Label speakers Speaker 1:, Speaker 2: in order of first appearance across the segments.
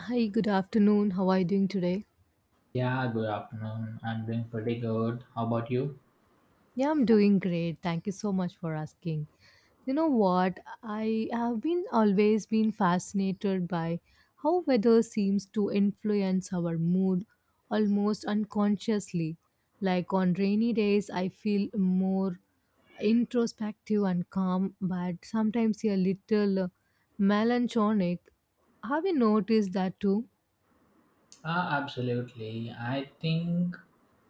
Speaker 1: Hi, good afternoon. How are you doing today?
Speaker 2: Yeah, good afternoon. I'm doing pretty good. How about you?
Speaker 1: Yeah, I'm doing great. Thank you so much for asking. You know what? I have been always been fascinated by how weather seems to influence our mood almost unconsciously. Like on rainy days, I feel more introspective and calm, but sometimes a little melancholic. Have you noticed that too?
Speaker 2: Ah, absolutely. I think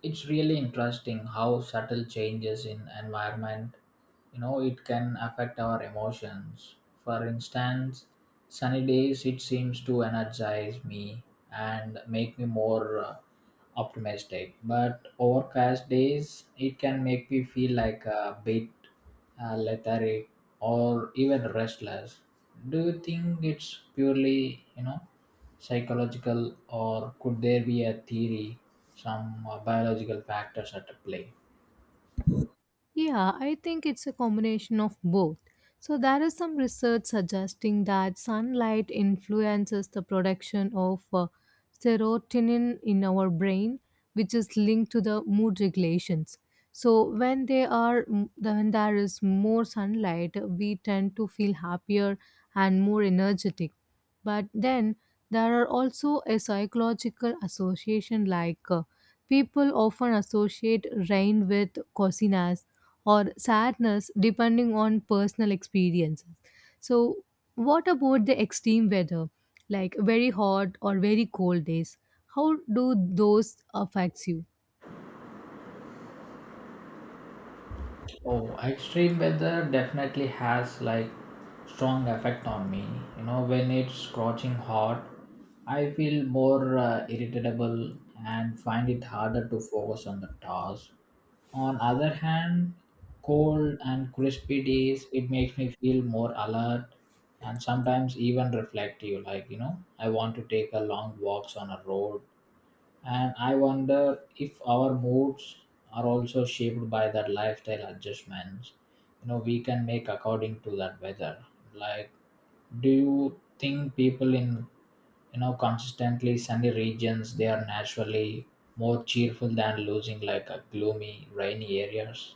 Speaker 2: it's really interesting how subtle changes in environment, you know, it can affect our emotions. For instance, sunny days it seems to energize me and make me more optimistic, but overcast days it can make me feel like a bit lethargic or even restless. Do you think it's purely, psychological, or could there be a theory, some biological factors at play?
Speaker 1: Yeah, I think it's a combination of both. So, there is some research suggesting that sunlight influences the production of serotonin in our brain, which is linked to the mood regulations. So, when they are m- the- when there is more sunlight, we tend to feel happier and more energetic. But then there are also a psychological association like people often associate rain with coziness or sadness depending on personal experiences. So, what about the extreme weather, like very hot or very cold days? How do those affects you?
Speaker 2: Oh, extreme weather definitely has like strong effect on me. You know, when it's scorching hot, I feel more irritable and find it harder to focus on the task. On other hand, cold and crispy days, it makes me feel more alert and sometimes even reflective. Like you know, I want to take a long walks on a road. And I wonder if our moods are also shaped by that lifestyle adjustments. You know, we can make according to that weather. Like, do you think people in, you know, consistently sunny regions they are naturally more cheerful than losing like a gloomy, rainy areas?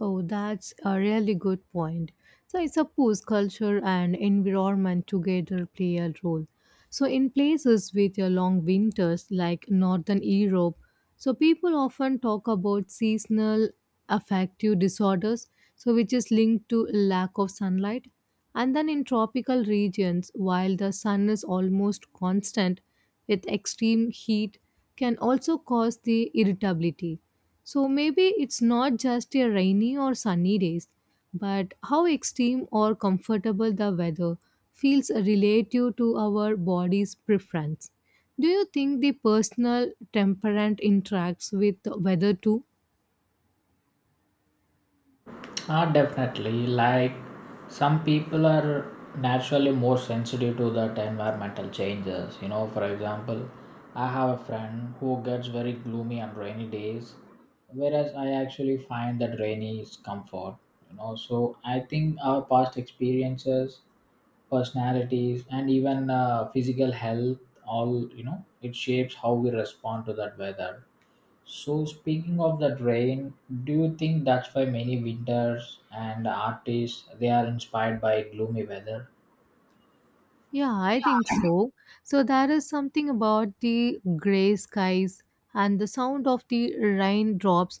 Speaker 1: Oh, that's a really good point. So I suppose culture and environment together play a role. So in places with a long winters like northern Europe, so people often talk about seasonal affective disorders, so which is linked to lack of sunlight. And then in tropical regions, while the sun is almost constant, with extreme heat can also cause the irritability, so maybe it's not just a rainy or sunny days, but how extreme or comfortable the weather feels relative to our body's preference. Do you think the personal temperament interacts with the weather too?
Speaker 2: Ah, definitely. Like some people are naturally more sensitive to that environmental changes. You know, for example, I have a friend who gets very gloomy on rainy days, whereas I actually find that rainy is comfort. You know, so I think our past experiences, personalities, and even physical health all, you know, it shapes how we respond to that weather. So speaking of that rain, do you think that's why many winters and artists they are inspired by gloomy weather?
Speaker 1: Yeah, I think so. So there is something about the gray skies and the sound of the raindrops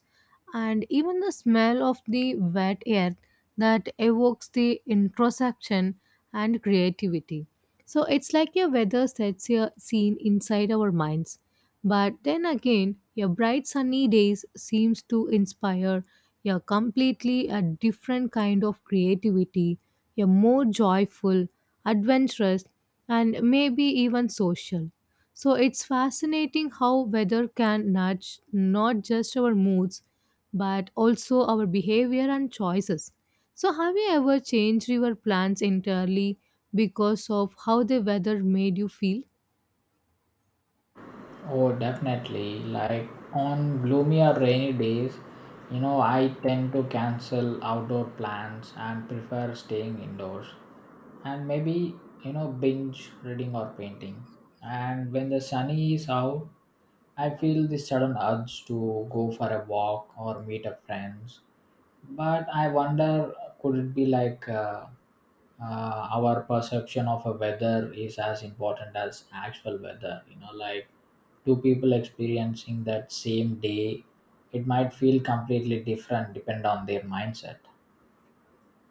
Speaker 1: and even the smell of the wet earth that evokes the introspection and creativity. So it's like a weather sets a scene inside our minds. But then again, your bright sunny days seems to inspire a completely a different kind of creativity, a more joyful adventurous, and maybe even social. So it's fascinating how weather can nudge not just our moods but also our behavior and choices. So, have you ever changed your plans entirely because of how the weather made you feel?
Speaker 2: Oh, definitely. Like on gloomy or rainy days, you know, I tend to cancel outdoor plans and prefer staying indoors. And maybe, you know, binge reading or painting. And when the sunny is out, I feel this sudden urge to go for a walk or meet up friends. But I wonder, could it be like our perception of a weather is as important as actual weather? You know, like two people experiencing that same day, it might feel completely different depend on their mindset.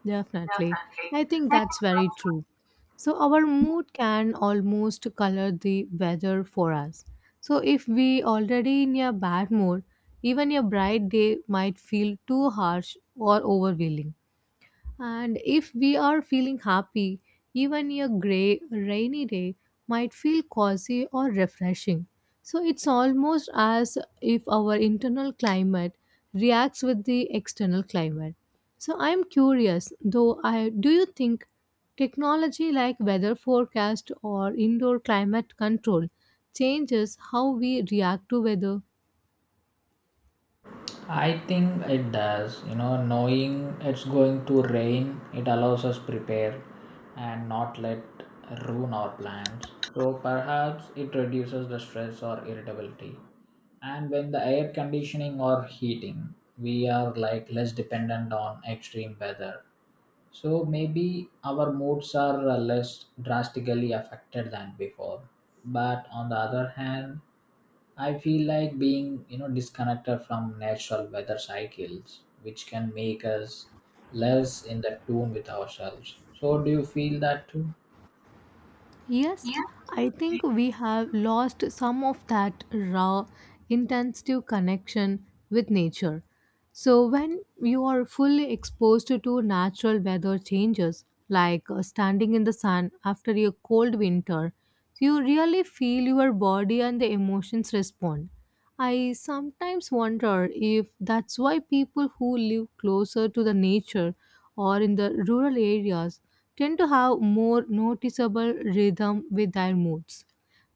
Speaker 1: Definitely.
Speaker 2: Definitely.
Speaker 1: I think
Speaker 2: I
Speaker 1: that's very true. So, our mood can almost color the weather for us. So, if we already in a bad mood, even a bright day might feel too harsh or overwhelming. And if we are feeling happy, even a grey, rainy day might feel cozy or refreshing. So it's almost as if our internal climate reacts with the external climate. So I'm curious though, I do you think technology like weather forecast or indoor climate control changes how we react to weather?
Speaker 2: I think it does. You know, knowing it's going to rain, it allows us prepare and not let ruin our plans. So perhaps it reduces the stress or irritability. And when the air conditioning or heating we are like less dependent on extreme weather, so maybe our moods are less drastically affected than before. But on the other hand, I feel like being, you know, disconnected from natural weather cycles, which can make us less in the tune with ourselves. So do you feel that too?
Speaker 1: Yes, I think we have lost some of that raw, intensive connection with nature. So, when you are fully exposed to natural weather changes, like standing in the sun after a cold winter, you really feel your body and the emotions respond. I sometimes wonder if that's why people who live closer to the nature or in the rural areas tend to have more noticeable rhythm with their moods.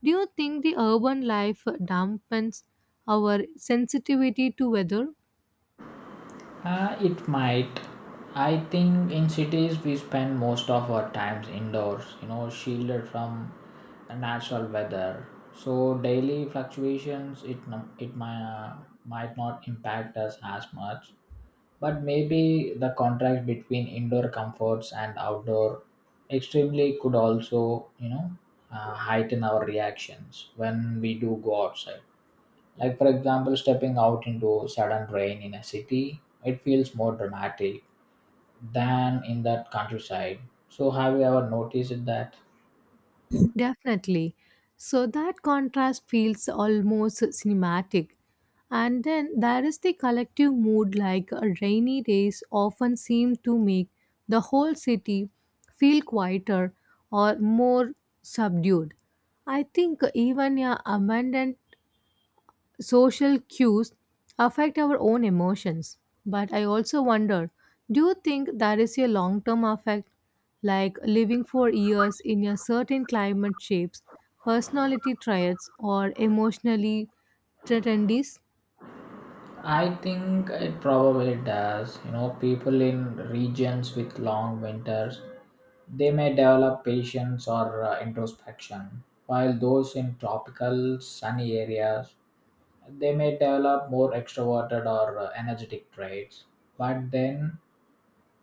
Speaker 1: Do you think the urban life dampens our sensitivity to weather?
Speaker 2: It might. I think in cities we spend most of our times indoors, you know, shielded from natural weather. So daily fluctuations, it might not impact us as much. But maybe the contrast between indoor comforts and outdoor extremely could also, you know, heighten our reactions when we do go outside. Like, for example, stepping out into sudden rain in a city, it feels more dramatic than in that countryside. So, have you ever noticed that?
Speaker 1: Definitely. So that contrast feels almost cinematic. And then there is the collective mood, like rainy days often seem to make the whole city feel quieter or more subdued. I think even a abandoned social cues affect our own emotions. But I also wonder, do you think that is a long term effect? Like living for years in a certain climate shapes personality traits or emotionally tendencies?
Speaker 2: I think it probably does. You know, people in regions with long winters, they may develop patience or introspection, while those in tropical, sunny areas, they may develop more extroverted or energetic traits. But then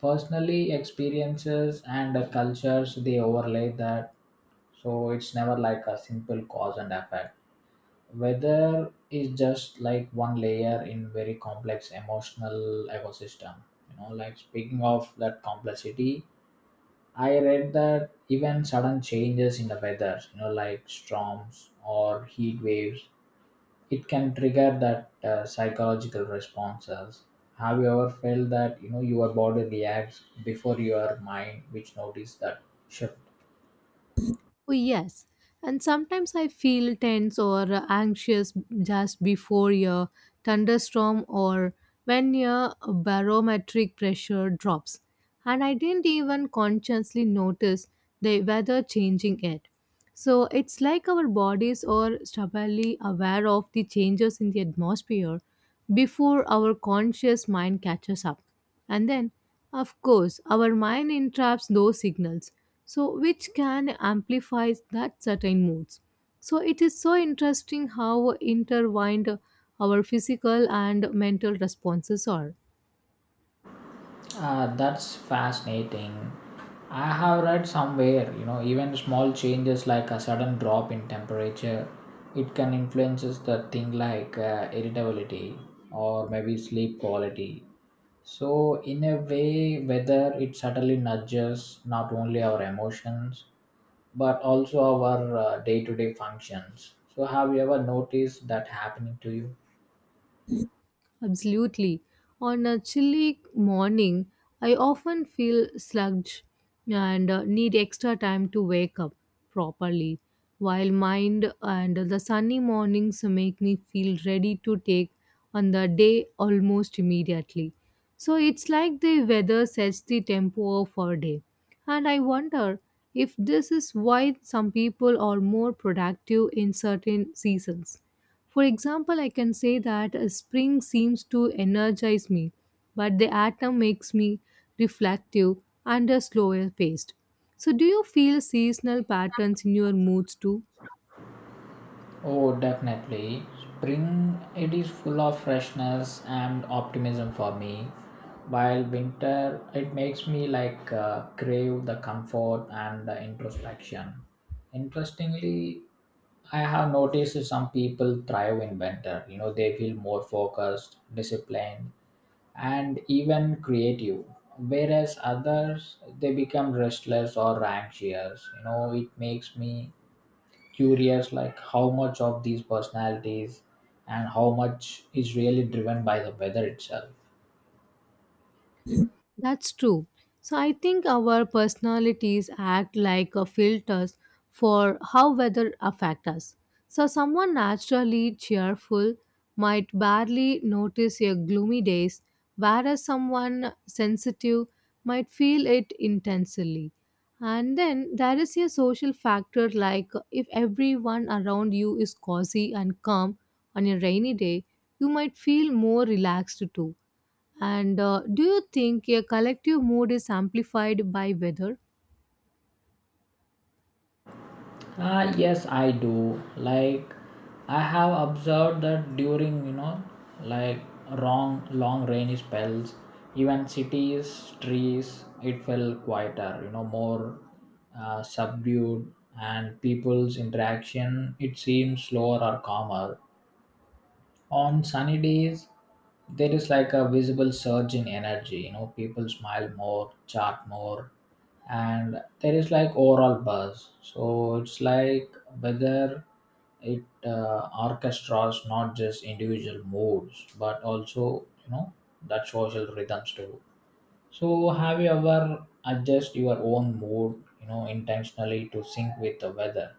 Speaker 2: personally experiences and the cultures they overlay that, so it's never like a simple cause and effect. Weather is just like one layer in very complex emotional ecosystem. You know, like speaking of that complexity, I read that even sudden changes in the weather, you know, like storms or heat waves, it can trigger that psychological responses. Have you ever felt that, you know, your body reacts before your mind which notice that shift?
Speaker 1: Oh, yes. And sometimes I feel tense or anxious just before a thunderstorm or when your barometric pressure drops. And I didn't even consciously notice the weather changing it. So it's like our bodies are stubbornly aware of the changes in the atmosphere before our conscious mind catches up. And then, of course, our mind entraps those signals, so which can amplify that certain moods. So it is so interesting how intertwined our physical and mental responses are.
Speaker 2: Uh, that's fascinating. I have read somewhere, you know, even small changes like a sudden drop in temperature, it can influences the thing like irritability or maybe sleep quality. So in a way whether it subtly nudges not only our emotions but also our day-to-day functions. So, have you ever noticed that happening to you?
Speaker 1: Absolutely. On a chilly morning, I often feel sluggish and need extra time to wake up properly, while mind and the sunny mornings make me feel ready to take on the day almost immediately. So it's like the weather sets the tempo of our day. And I wonder if this is why some people are more productive in certain seasons. For example, I can say that spring seems to energize me, but the autumn makes me reflective and a slower paced. So, do you feel seasonal patterns in your moods too?
Speaker 2: Oh, definitely. Spring it is full of freshness and optimism for me, while winter it makes me like crave the comfort and the introspection. Interestingly, I have noticed some people thrive in winter. You know, they feel more focused, disciplined, and even creative, whereas others they become restless or anxious. You know, it makes me curious like how much of these personalities and how much is really driven by the weather itself.
Speaker 1: That's true. So I think our personalities act like a filters for how weather affect us. So someone naturally cheerful might barely notice your gloomy days, whereas someone sensitive might feel it intensely. And then there is a social factor like if everyone around you is cozy and calm on a rainy day, you might feel more relaxed too. And do you think a collective mood is amplified by weather?
Speaker 2: Yes, I do. Like, I have observed that during, you know, like long, long rainy spells, even cities, trees, it felt quieter, you know, more subdued, and people's interaction, it seems slower or calmer. On sunny days there is like a visible surge in energy. You know, people smile more, chat more, and there is like overall buzz. So it's like whether it orchestras not just individual moods but also, you know, that social rhythms too. So have you ever adjust your own mood, you know, intentionally to sync with the weather?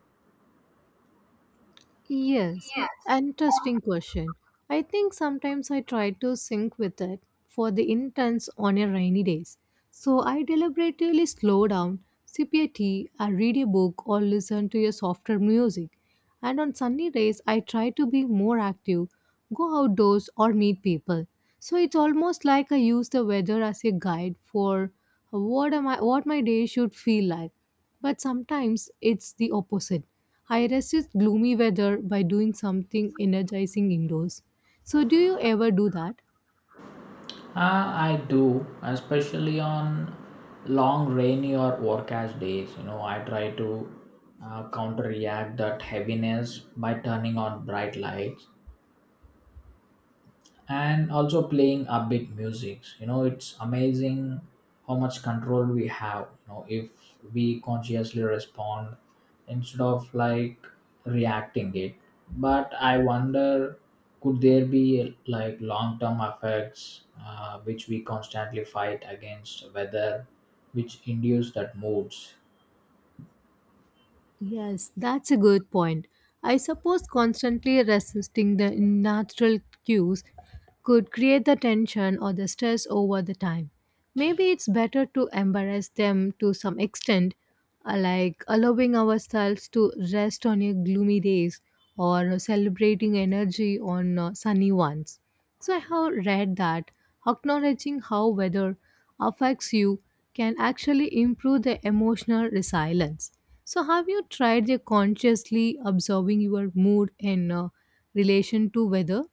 Speaker 1: Yes,
Speaker 2: Yes.
Speaker 1: interesting question. I think sometimes I try to sync with it for the intense on a rainy days. So I deliberately slow down, sip a tea, I read a book or listen to a softer music. And on sunny days I try to be more active, go outdoors, or meet people. So it's almost like I use the weather as a guide for what am I, what my day should feel like. But sometimes it's the opposite. I resist gloomy weather by doing something energizing indoors. So do you ever do that?
Speaker 2: I do, especially on long rainy or overcast days. You know, I try to counteract that heaviness by turning on bright lights and also playing upbeat music. You know, it's amazing how much control we have, you know, if we consciously respond instead of like reacting it. But I wonder, could there be like long term effects which we constantly fight against whether which induce that moods?
Speaker 1: Yes, that's a good point. I suppose constantly resisting the natural cues could create the tension or the stress over the time. Maybe it's better to embrace them to some extent, like allowing ourselves to rest on a gloomy days or celebrating energy on sunny ones. So I have read that acknowledging how weather affects you can actually improve the emotional resilience. So have you tried the consciously observing your mood in relation to weather?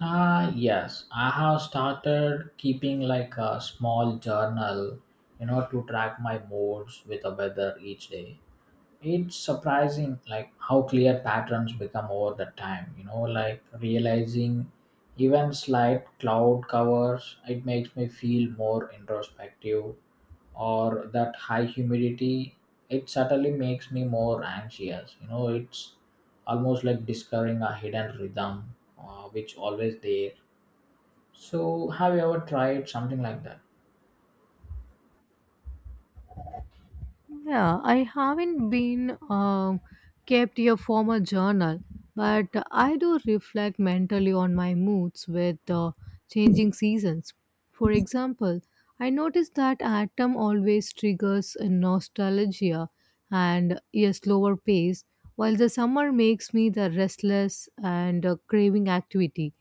Speaker 2: Ah, yes, I have started keeping like a small journal, you know, to track my moods with the weather each day. It's surprising, like, how clear patterns become over the time, you know, like realizing even slight cloud covers, it makes me feel more introspective, or that high humidity, it certainly makes me more anxious. You know, it's almost like discovering a hidden rhythm, which always there. So, have you ever tried something like that?
Speaker 1: Yeah, I haven't been kept a formal journal, but I do reflect mentally on my moods with changing seasons. For example, I notice that autumn always triggers a nostalgia and a slower pace, while the summer makes me the restless and craving activity.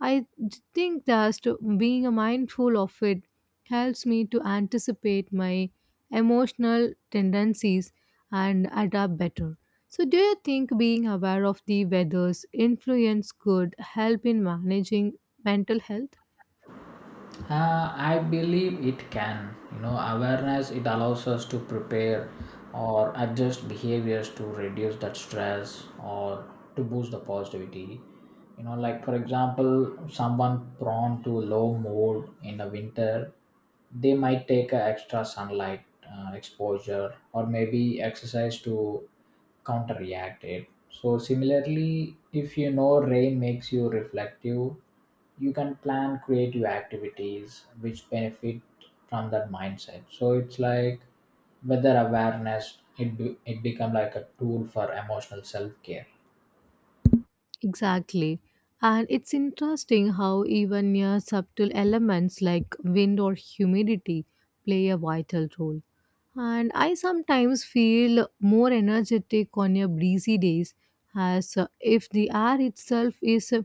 Speaker 1: Think that being mindful of it helps me to anticipate my emotional tendencies and adapt better. So, do you think being aware of the weather's influence could help in managing mental health?
Speaker 2: I believe it can. You know, awareness it allows us to prepare or adjust behaviors to reduce that stress or to boost the positivity. You know, like for example, someone prone to low mood in the winter, they might take a extra sunlight exposure or maybe exercise to counteract it. So similarly, if you know rain makes you reflective, you can plan creative activities which benefit from that mindset. So it's like whether awareness it become like a tool for emotional self-care.
Speaker 1: Exactly. And it's interesting how even near subtle elements like wind or humidity play a vital role. And I sometimes feel more energetic on a breezy days, as if the air itself is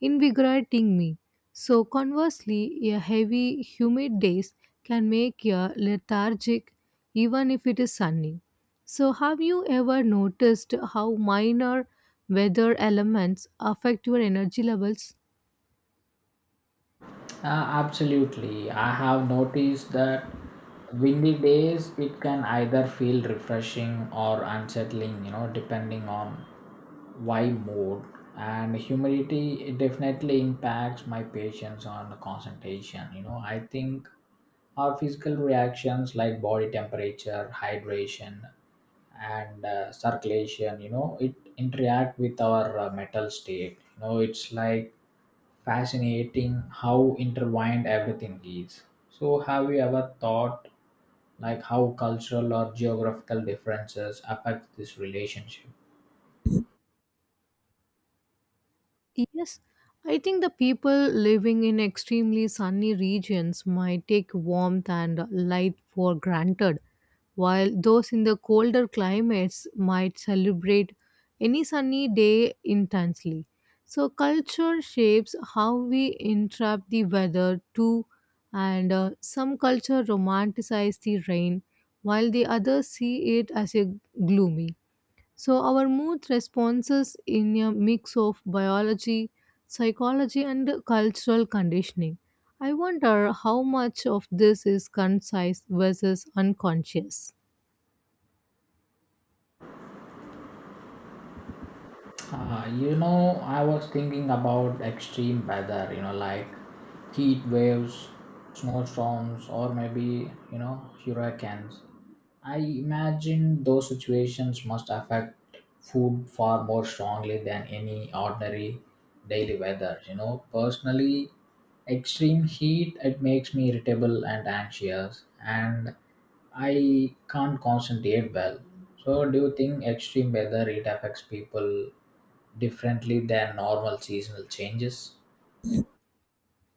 Speaker 1: invigorating me. So conversely, a heavy humid days can make you lethargic even if it is sunny. So have you ever noticed how minor weather elements affect your energy levels?
Speaker 2: Uh, absolutely. I have noticed that windy days it can either feel refreshing or unsettling, you know, depending on why mood. And humidity it definitely impacts my patience on the concentration. You know, I think our physical reactions like body temperature, hydration, and circulation, you know, it interact with our mental state. You know, it's like fascinating how intertwined everything is. So, have you ever thought like how cultural or geographical differences affect this relationship?
Speaker 1: Yes, I think the people living in extremely sunny regions might take warmth and light for granted, while those in the colder climates might celebrate any sunny day intensely. So, culture shapes how we interpret the weather too, and some culture romanticize the rain, while the others see it as a gloomy. So, our mood responses in a mix of biology, psychology, and cultural conditioning. I wonder how much of this is concise versus unconscious.
Speaker 2: You know, I was thinking about extreme weather, you know, like heat waves, snowstorms, or maybe, you know, hurricanes. I imagine those situations must affect food far more strongly than any ordinary daily weather. You know, personally, extreme heat it makes me irritable and anxious, and I can't concentrate well. So, do you think extreme weather it affects people differently than normal seasonal changes?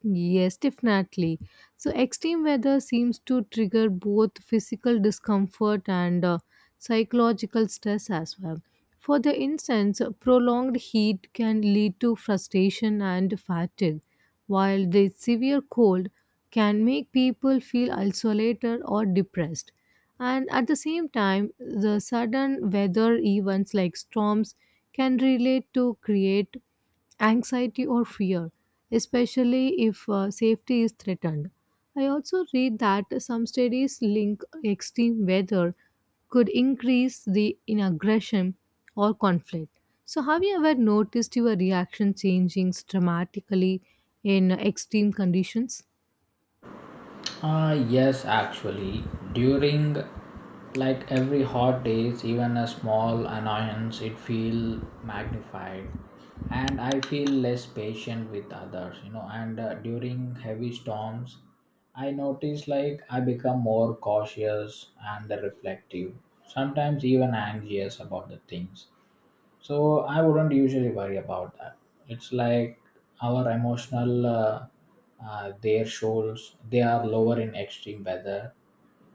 Speaker 1: Yes, definitely. So, extreme weather seems to trigger both physical discomfort and psychological stress as well. For the instance, prolonged heat can lead to frustration and fatigue, while the severe cold can make people feel isolated or depressed. And at the same time, the sudden weather events like storms can relate to create anxiety or fear, especially if safety is threatened. I also read that some studies link extreme weather could increase the in aggression or conflict. So, have you ever noticed your reaction changing dramatically in extreme conditions?
Speaker 2: Ah, yes, actually, during like every hot days, even a small annoyance, it feel magnified, and I feel less patient with others, you know. And during heavy storms, I notice like I become more cautious and reflective, sometimes even anxious about the things. So I wouldn't usually worry about that. It's like our emotional, their shoals, they are lower in extreme weather.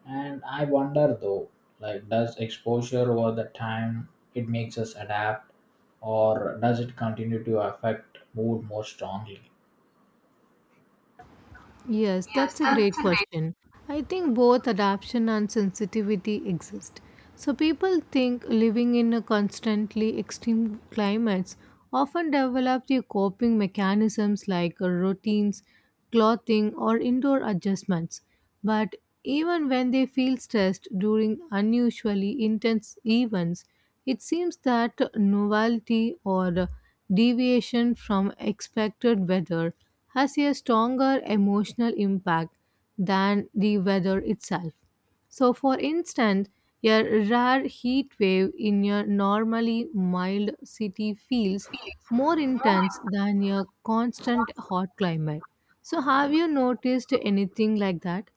Speaker 2: And I wonder though, like, does exposure over the time, it makes us adapt or does it continue to affect mood more strongly?
Speaker 1: Yes,
Speaker 2: Yes,
Speaker 1: that's a
Speaker 2: that's
Speaker 1: great
Speaker 2: a great
Speaker 1: question. I think both adaptation and sensitivity exist. So people think living in a constantly extreme climates often develop their coping mechanisms like routines, clothing or indoor adjustments. But even when they feel stressed during unusually intense events, it seems that novelty or deviation from expected weather has a stronger emotional impact than the weather itself. So, for instance, a rare heat wave in a normally mild city feels
Speaker 2: feeling.
Speaker 1: more
Speaker 2: More.
Speaker 1: intense than a constant hot climate. So, have you noticed anything like that?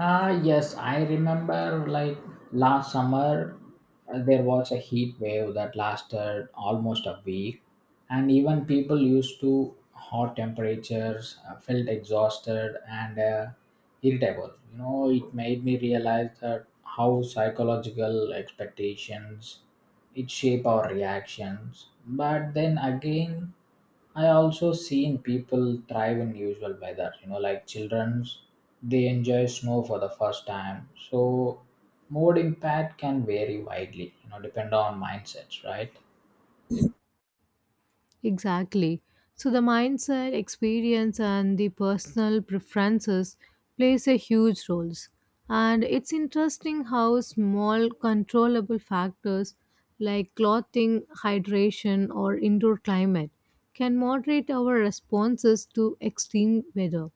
Speaker 2: Ah, yes, I remember like last summer there was a heat wave that lasted almost a week, and even people used to hot temperatures felt exhausted and irritable. You know, it made me realize that how psychological expectations it shape our reactions. But then again, I also seen people thrive in usual weather, you know, like children's, they enjoy snow for the first time. So mood impact can vary widely, you know, depend on mindsets, right?
Speaker 1: Exactly. So the mindset, experience, and the personal preferences plays a huge roles. And it's interesting how small controllable factors like clothing, hydration, or indoor climate can moderate our responses to extreme weather.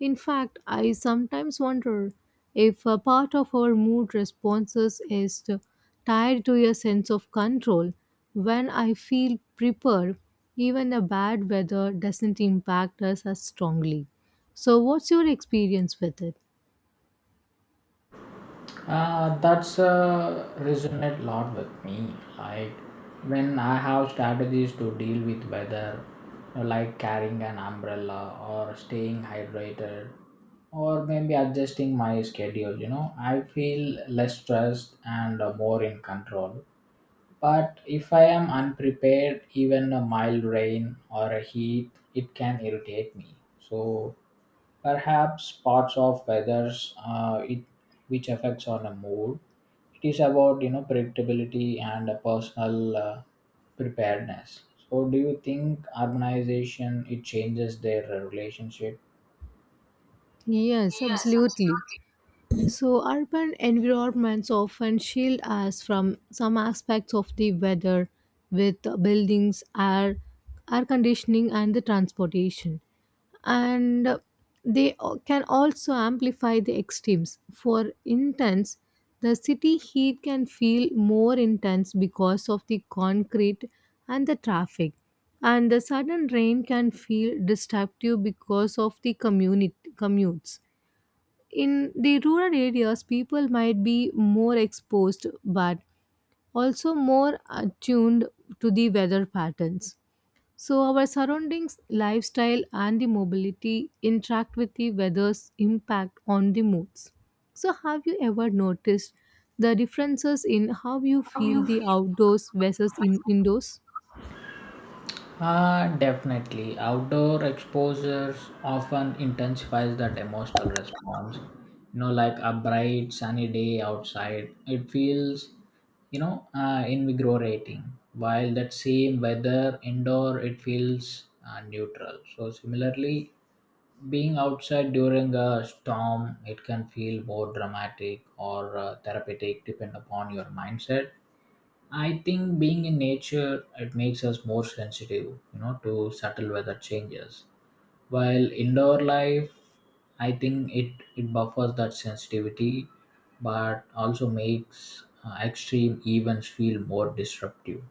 Speaker 1: In fact, I sometimes wonder if a part of our mood responses is tied to a sense of control. When I feel prepared, even a bad weather doesn't impact us as strongly. So, what's your experience with it?
Speaker 2: That's resonate a lot with me. Like when I have strategies to deal with weather, you know, like carrying an umbrella or staying hydrated or maybe adjusting my schedule, you know, I feel less stressed and more in control. But if I am unprepared, even a mild rain or a heat, it can irritate me. So perhaps parts of weathers, it which affects on a mood. It is about, you know, predictability and a personal preparedness. So do you think urbanization it changes their relationship?
Speaker 1: Yes,
Speaker 2: Yes,
Speaker 1: absolutely. So, urban environments often shield us from some aspects of the weather with buildings, air conditioning, and the transportation. And can also amplify the extremes. For instance, the city heat can feel more intense because of the concrete and the traffic. And the sudden rain can feel destructive because of the community commutes in the rural areas. People might be more exposed but also more attuned to the weather patterns. So our surroundings, lifestyle and the mobility interact with the weather's impact on the moods. So have you ever noticed the differences in how you feel the outdoors versus in indoors?
Speaker 2: ah, definitely. Outdoor exposures often intensifies that emotional response. You know, like a bright sunny day outside, it feels, you know, invigorating. While that same weather indoor, it feels neutral. So similarly, being outside during a storm, it can feel more dramatic or therapeutic, depend upon your mindset. I think being in nature it makes us more sensitive, you know, to subtle weather changes. While indoor life, I think it buffers that sensitivity, but also makes extreme events feel more disruptive.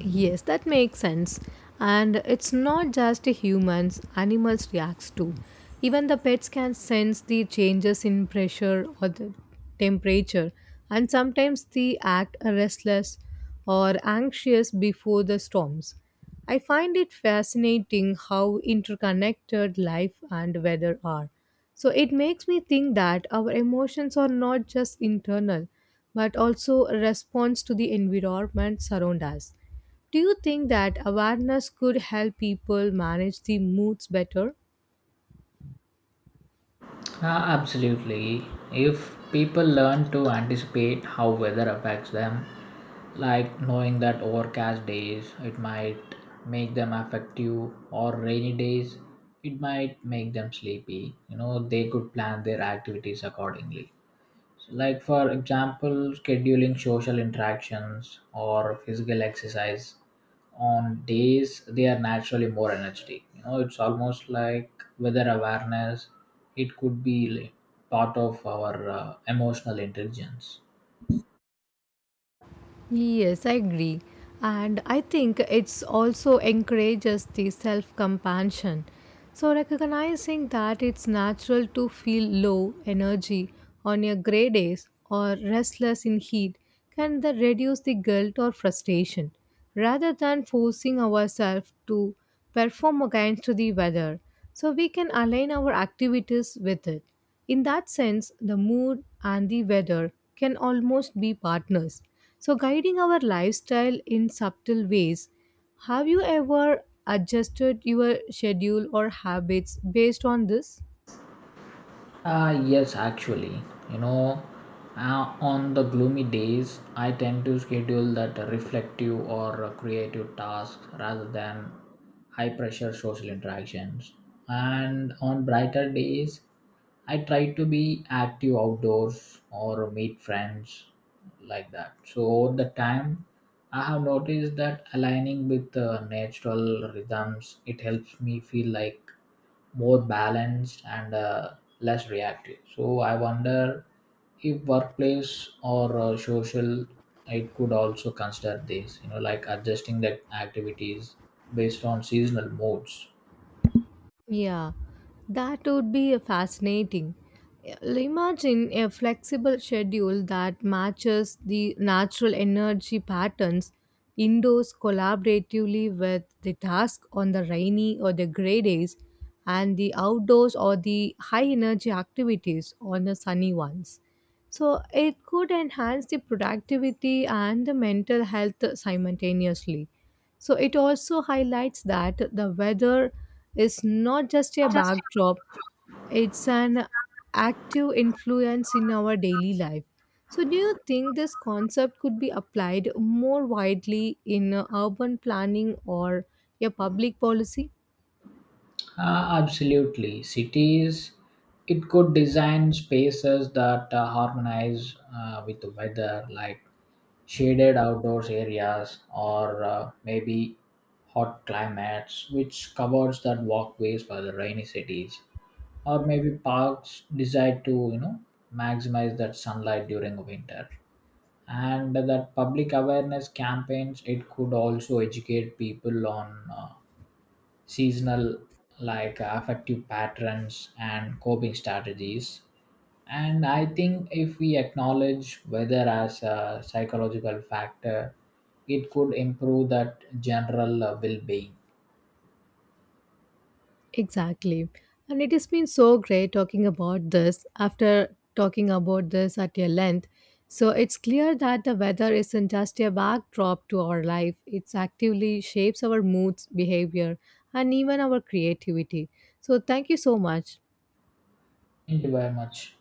Speaker 1: Yes, that makes sense. And it's not just humans, animals reacts too. Even the pets can sense the changes in pressure or the temperature and sometimes they act restless or anxious before the storms. I find it fascinating how interconnected life and weather are. So it makes me think that our emotions are not just internal but also a response to the environment surround us. Do you think that awareness could help people manage the moods better?
Speaker 2: Absolutely. If people learn to anticipate how weather affects them, like knowing that overcast days it might make them affective or rainy days it might make them sleepy, you know, they could plan their activities accordingly, like for example scheduling social interactions or physical exercise on days they are naturally more energetic. You know, it's almost like weather awareness it could be like part of our emotional intelligence.
Speaker 1: Yes, I agree. And I think it's also encourages the self compassion. So, recognizing that it's natural to feel low energy on your gray days or restless in heat can then reduce the guilt or frustration, rather than forcing ourselves to perform against the weather so we can align our activities with it. In that sense, the mood and the weather can almost be partners. So, guiding our lifestyle in subtle ways, have you ever adjusted your schedule or habits based on this?
Speaker 2: Yes, actually, you know, on the gloomy days, I tend to schedule that reflective or creative tasks rather than high pressure social interactions. And on brighter days, I try to be active outdoors or meet friends like that. So, over the time, I have noticed that aligning with natural rhythms, it helps me feel like more balanced and less reactive. So I wonder if workplace or social, it could also consider this, you know, like adjusting the activities based on seasonal moods.
Speaker 1: Yeah, that would be a fascinating. Imagine a flexible schedule that matches the natural energy patterns, indoors collaboratively with the task on the rainy or the gray days and the outdoors or the high energy activities on the sunny ones. So it could enhance the productivity and the mental health simultaneously. So it also highlights that the weather is not just a backdrop, it's an active influence in our daily life. So, do you think this concept could be applied more widely in urban planning or a public policy?
Speaker 2: Ah, absolutely. Cities, it could design spaces that harmonize with the weather, like shaded outdoors areas or maybe hot climates, which covers that walkways for the rainy cities. Or maybe parks decide to, you know, maximize that sunlight during winter. And that public awareness campaigns it could also educate people on seasonal like affective patterns and coping strategies. And I think if we acknowledge weather as a psychological factor, it could improve that general well-being.
Speaker 1: Exactly. And it has been so great talking about this after talking about this at your length. So it's clear that the weather isn't just a backdrop to our life, it actively shapes our moods, behavior, and even our creativity. So thank you so much.
Speaker 2: Thank you very much.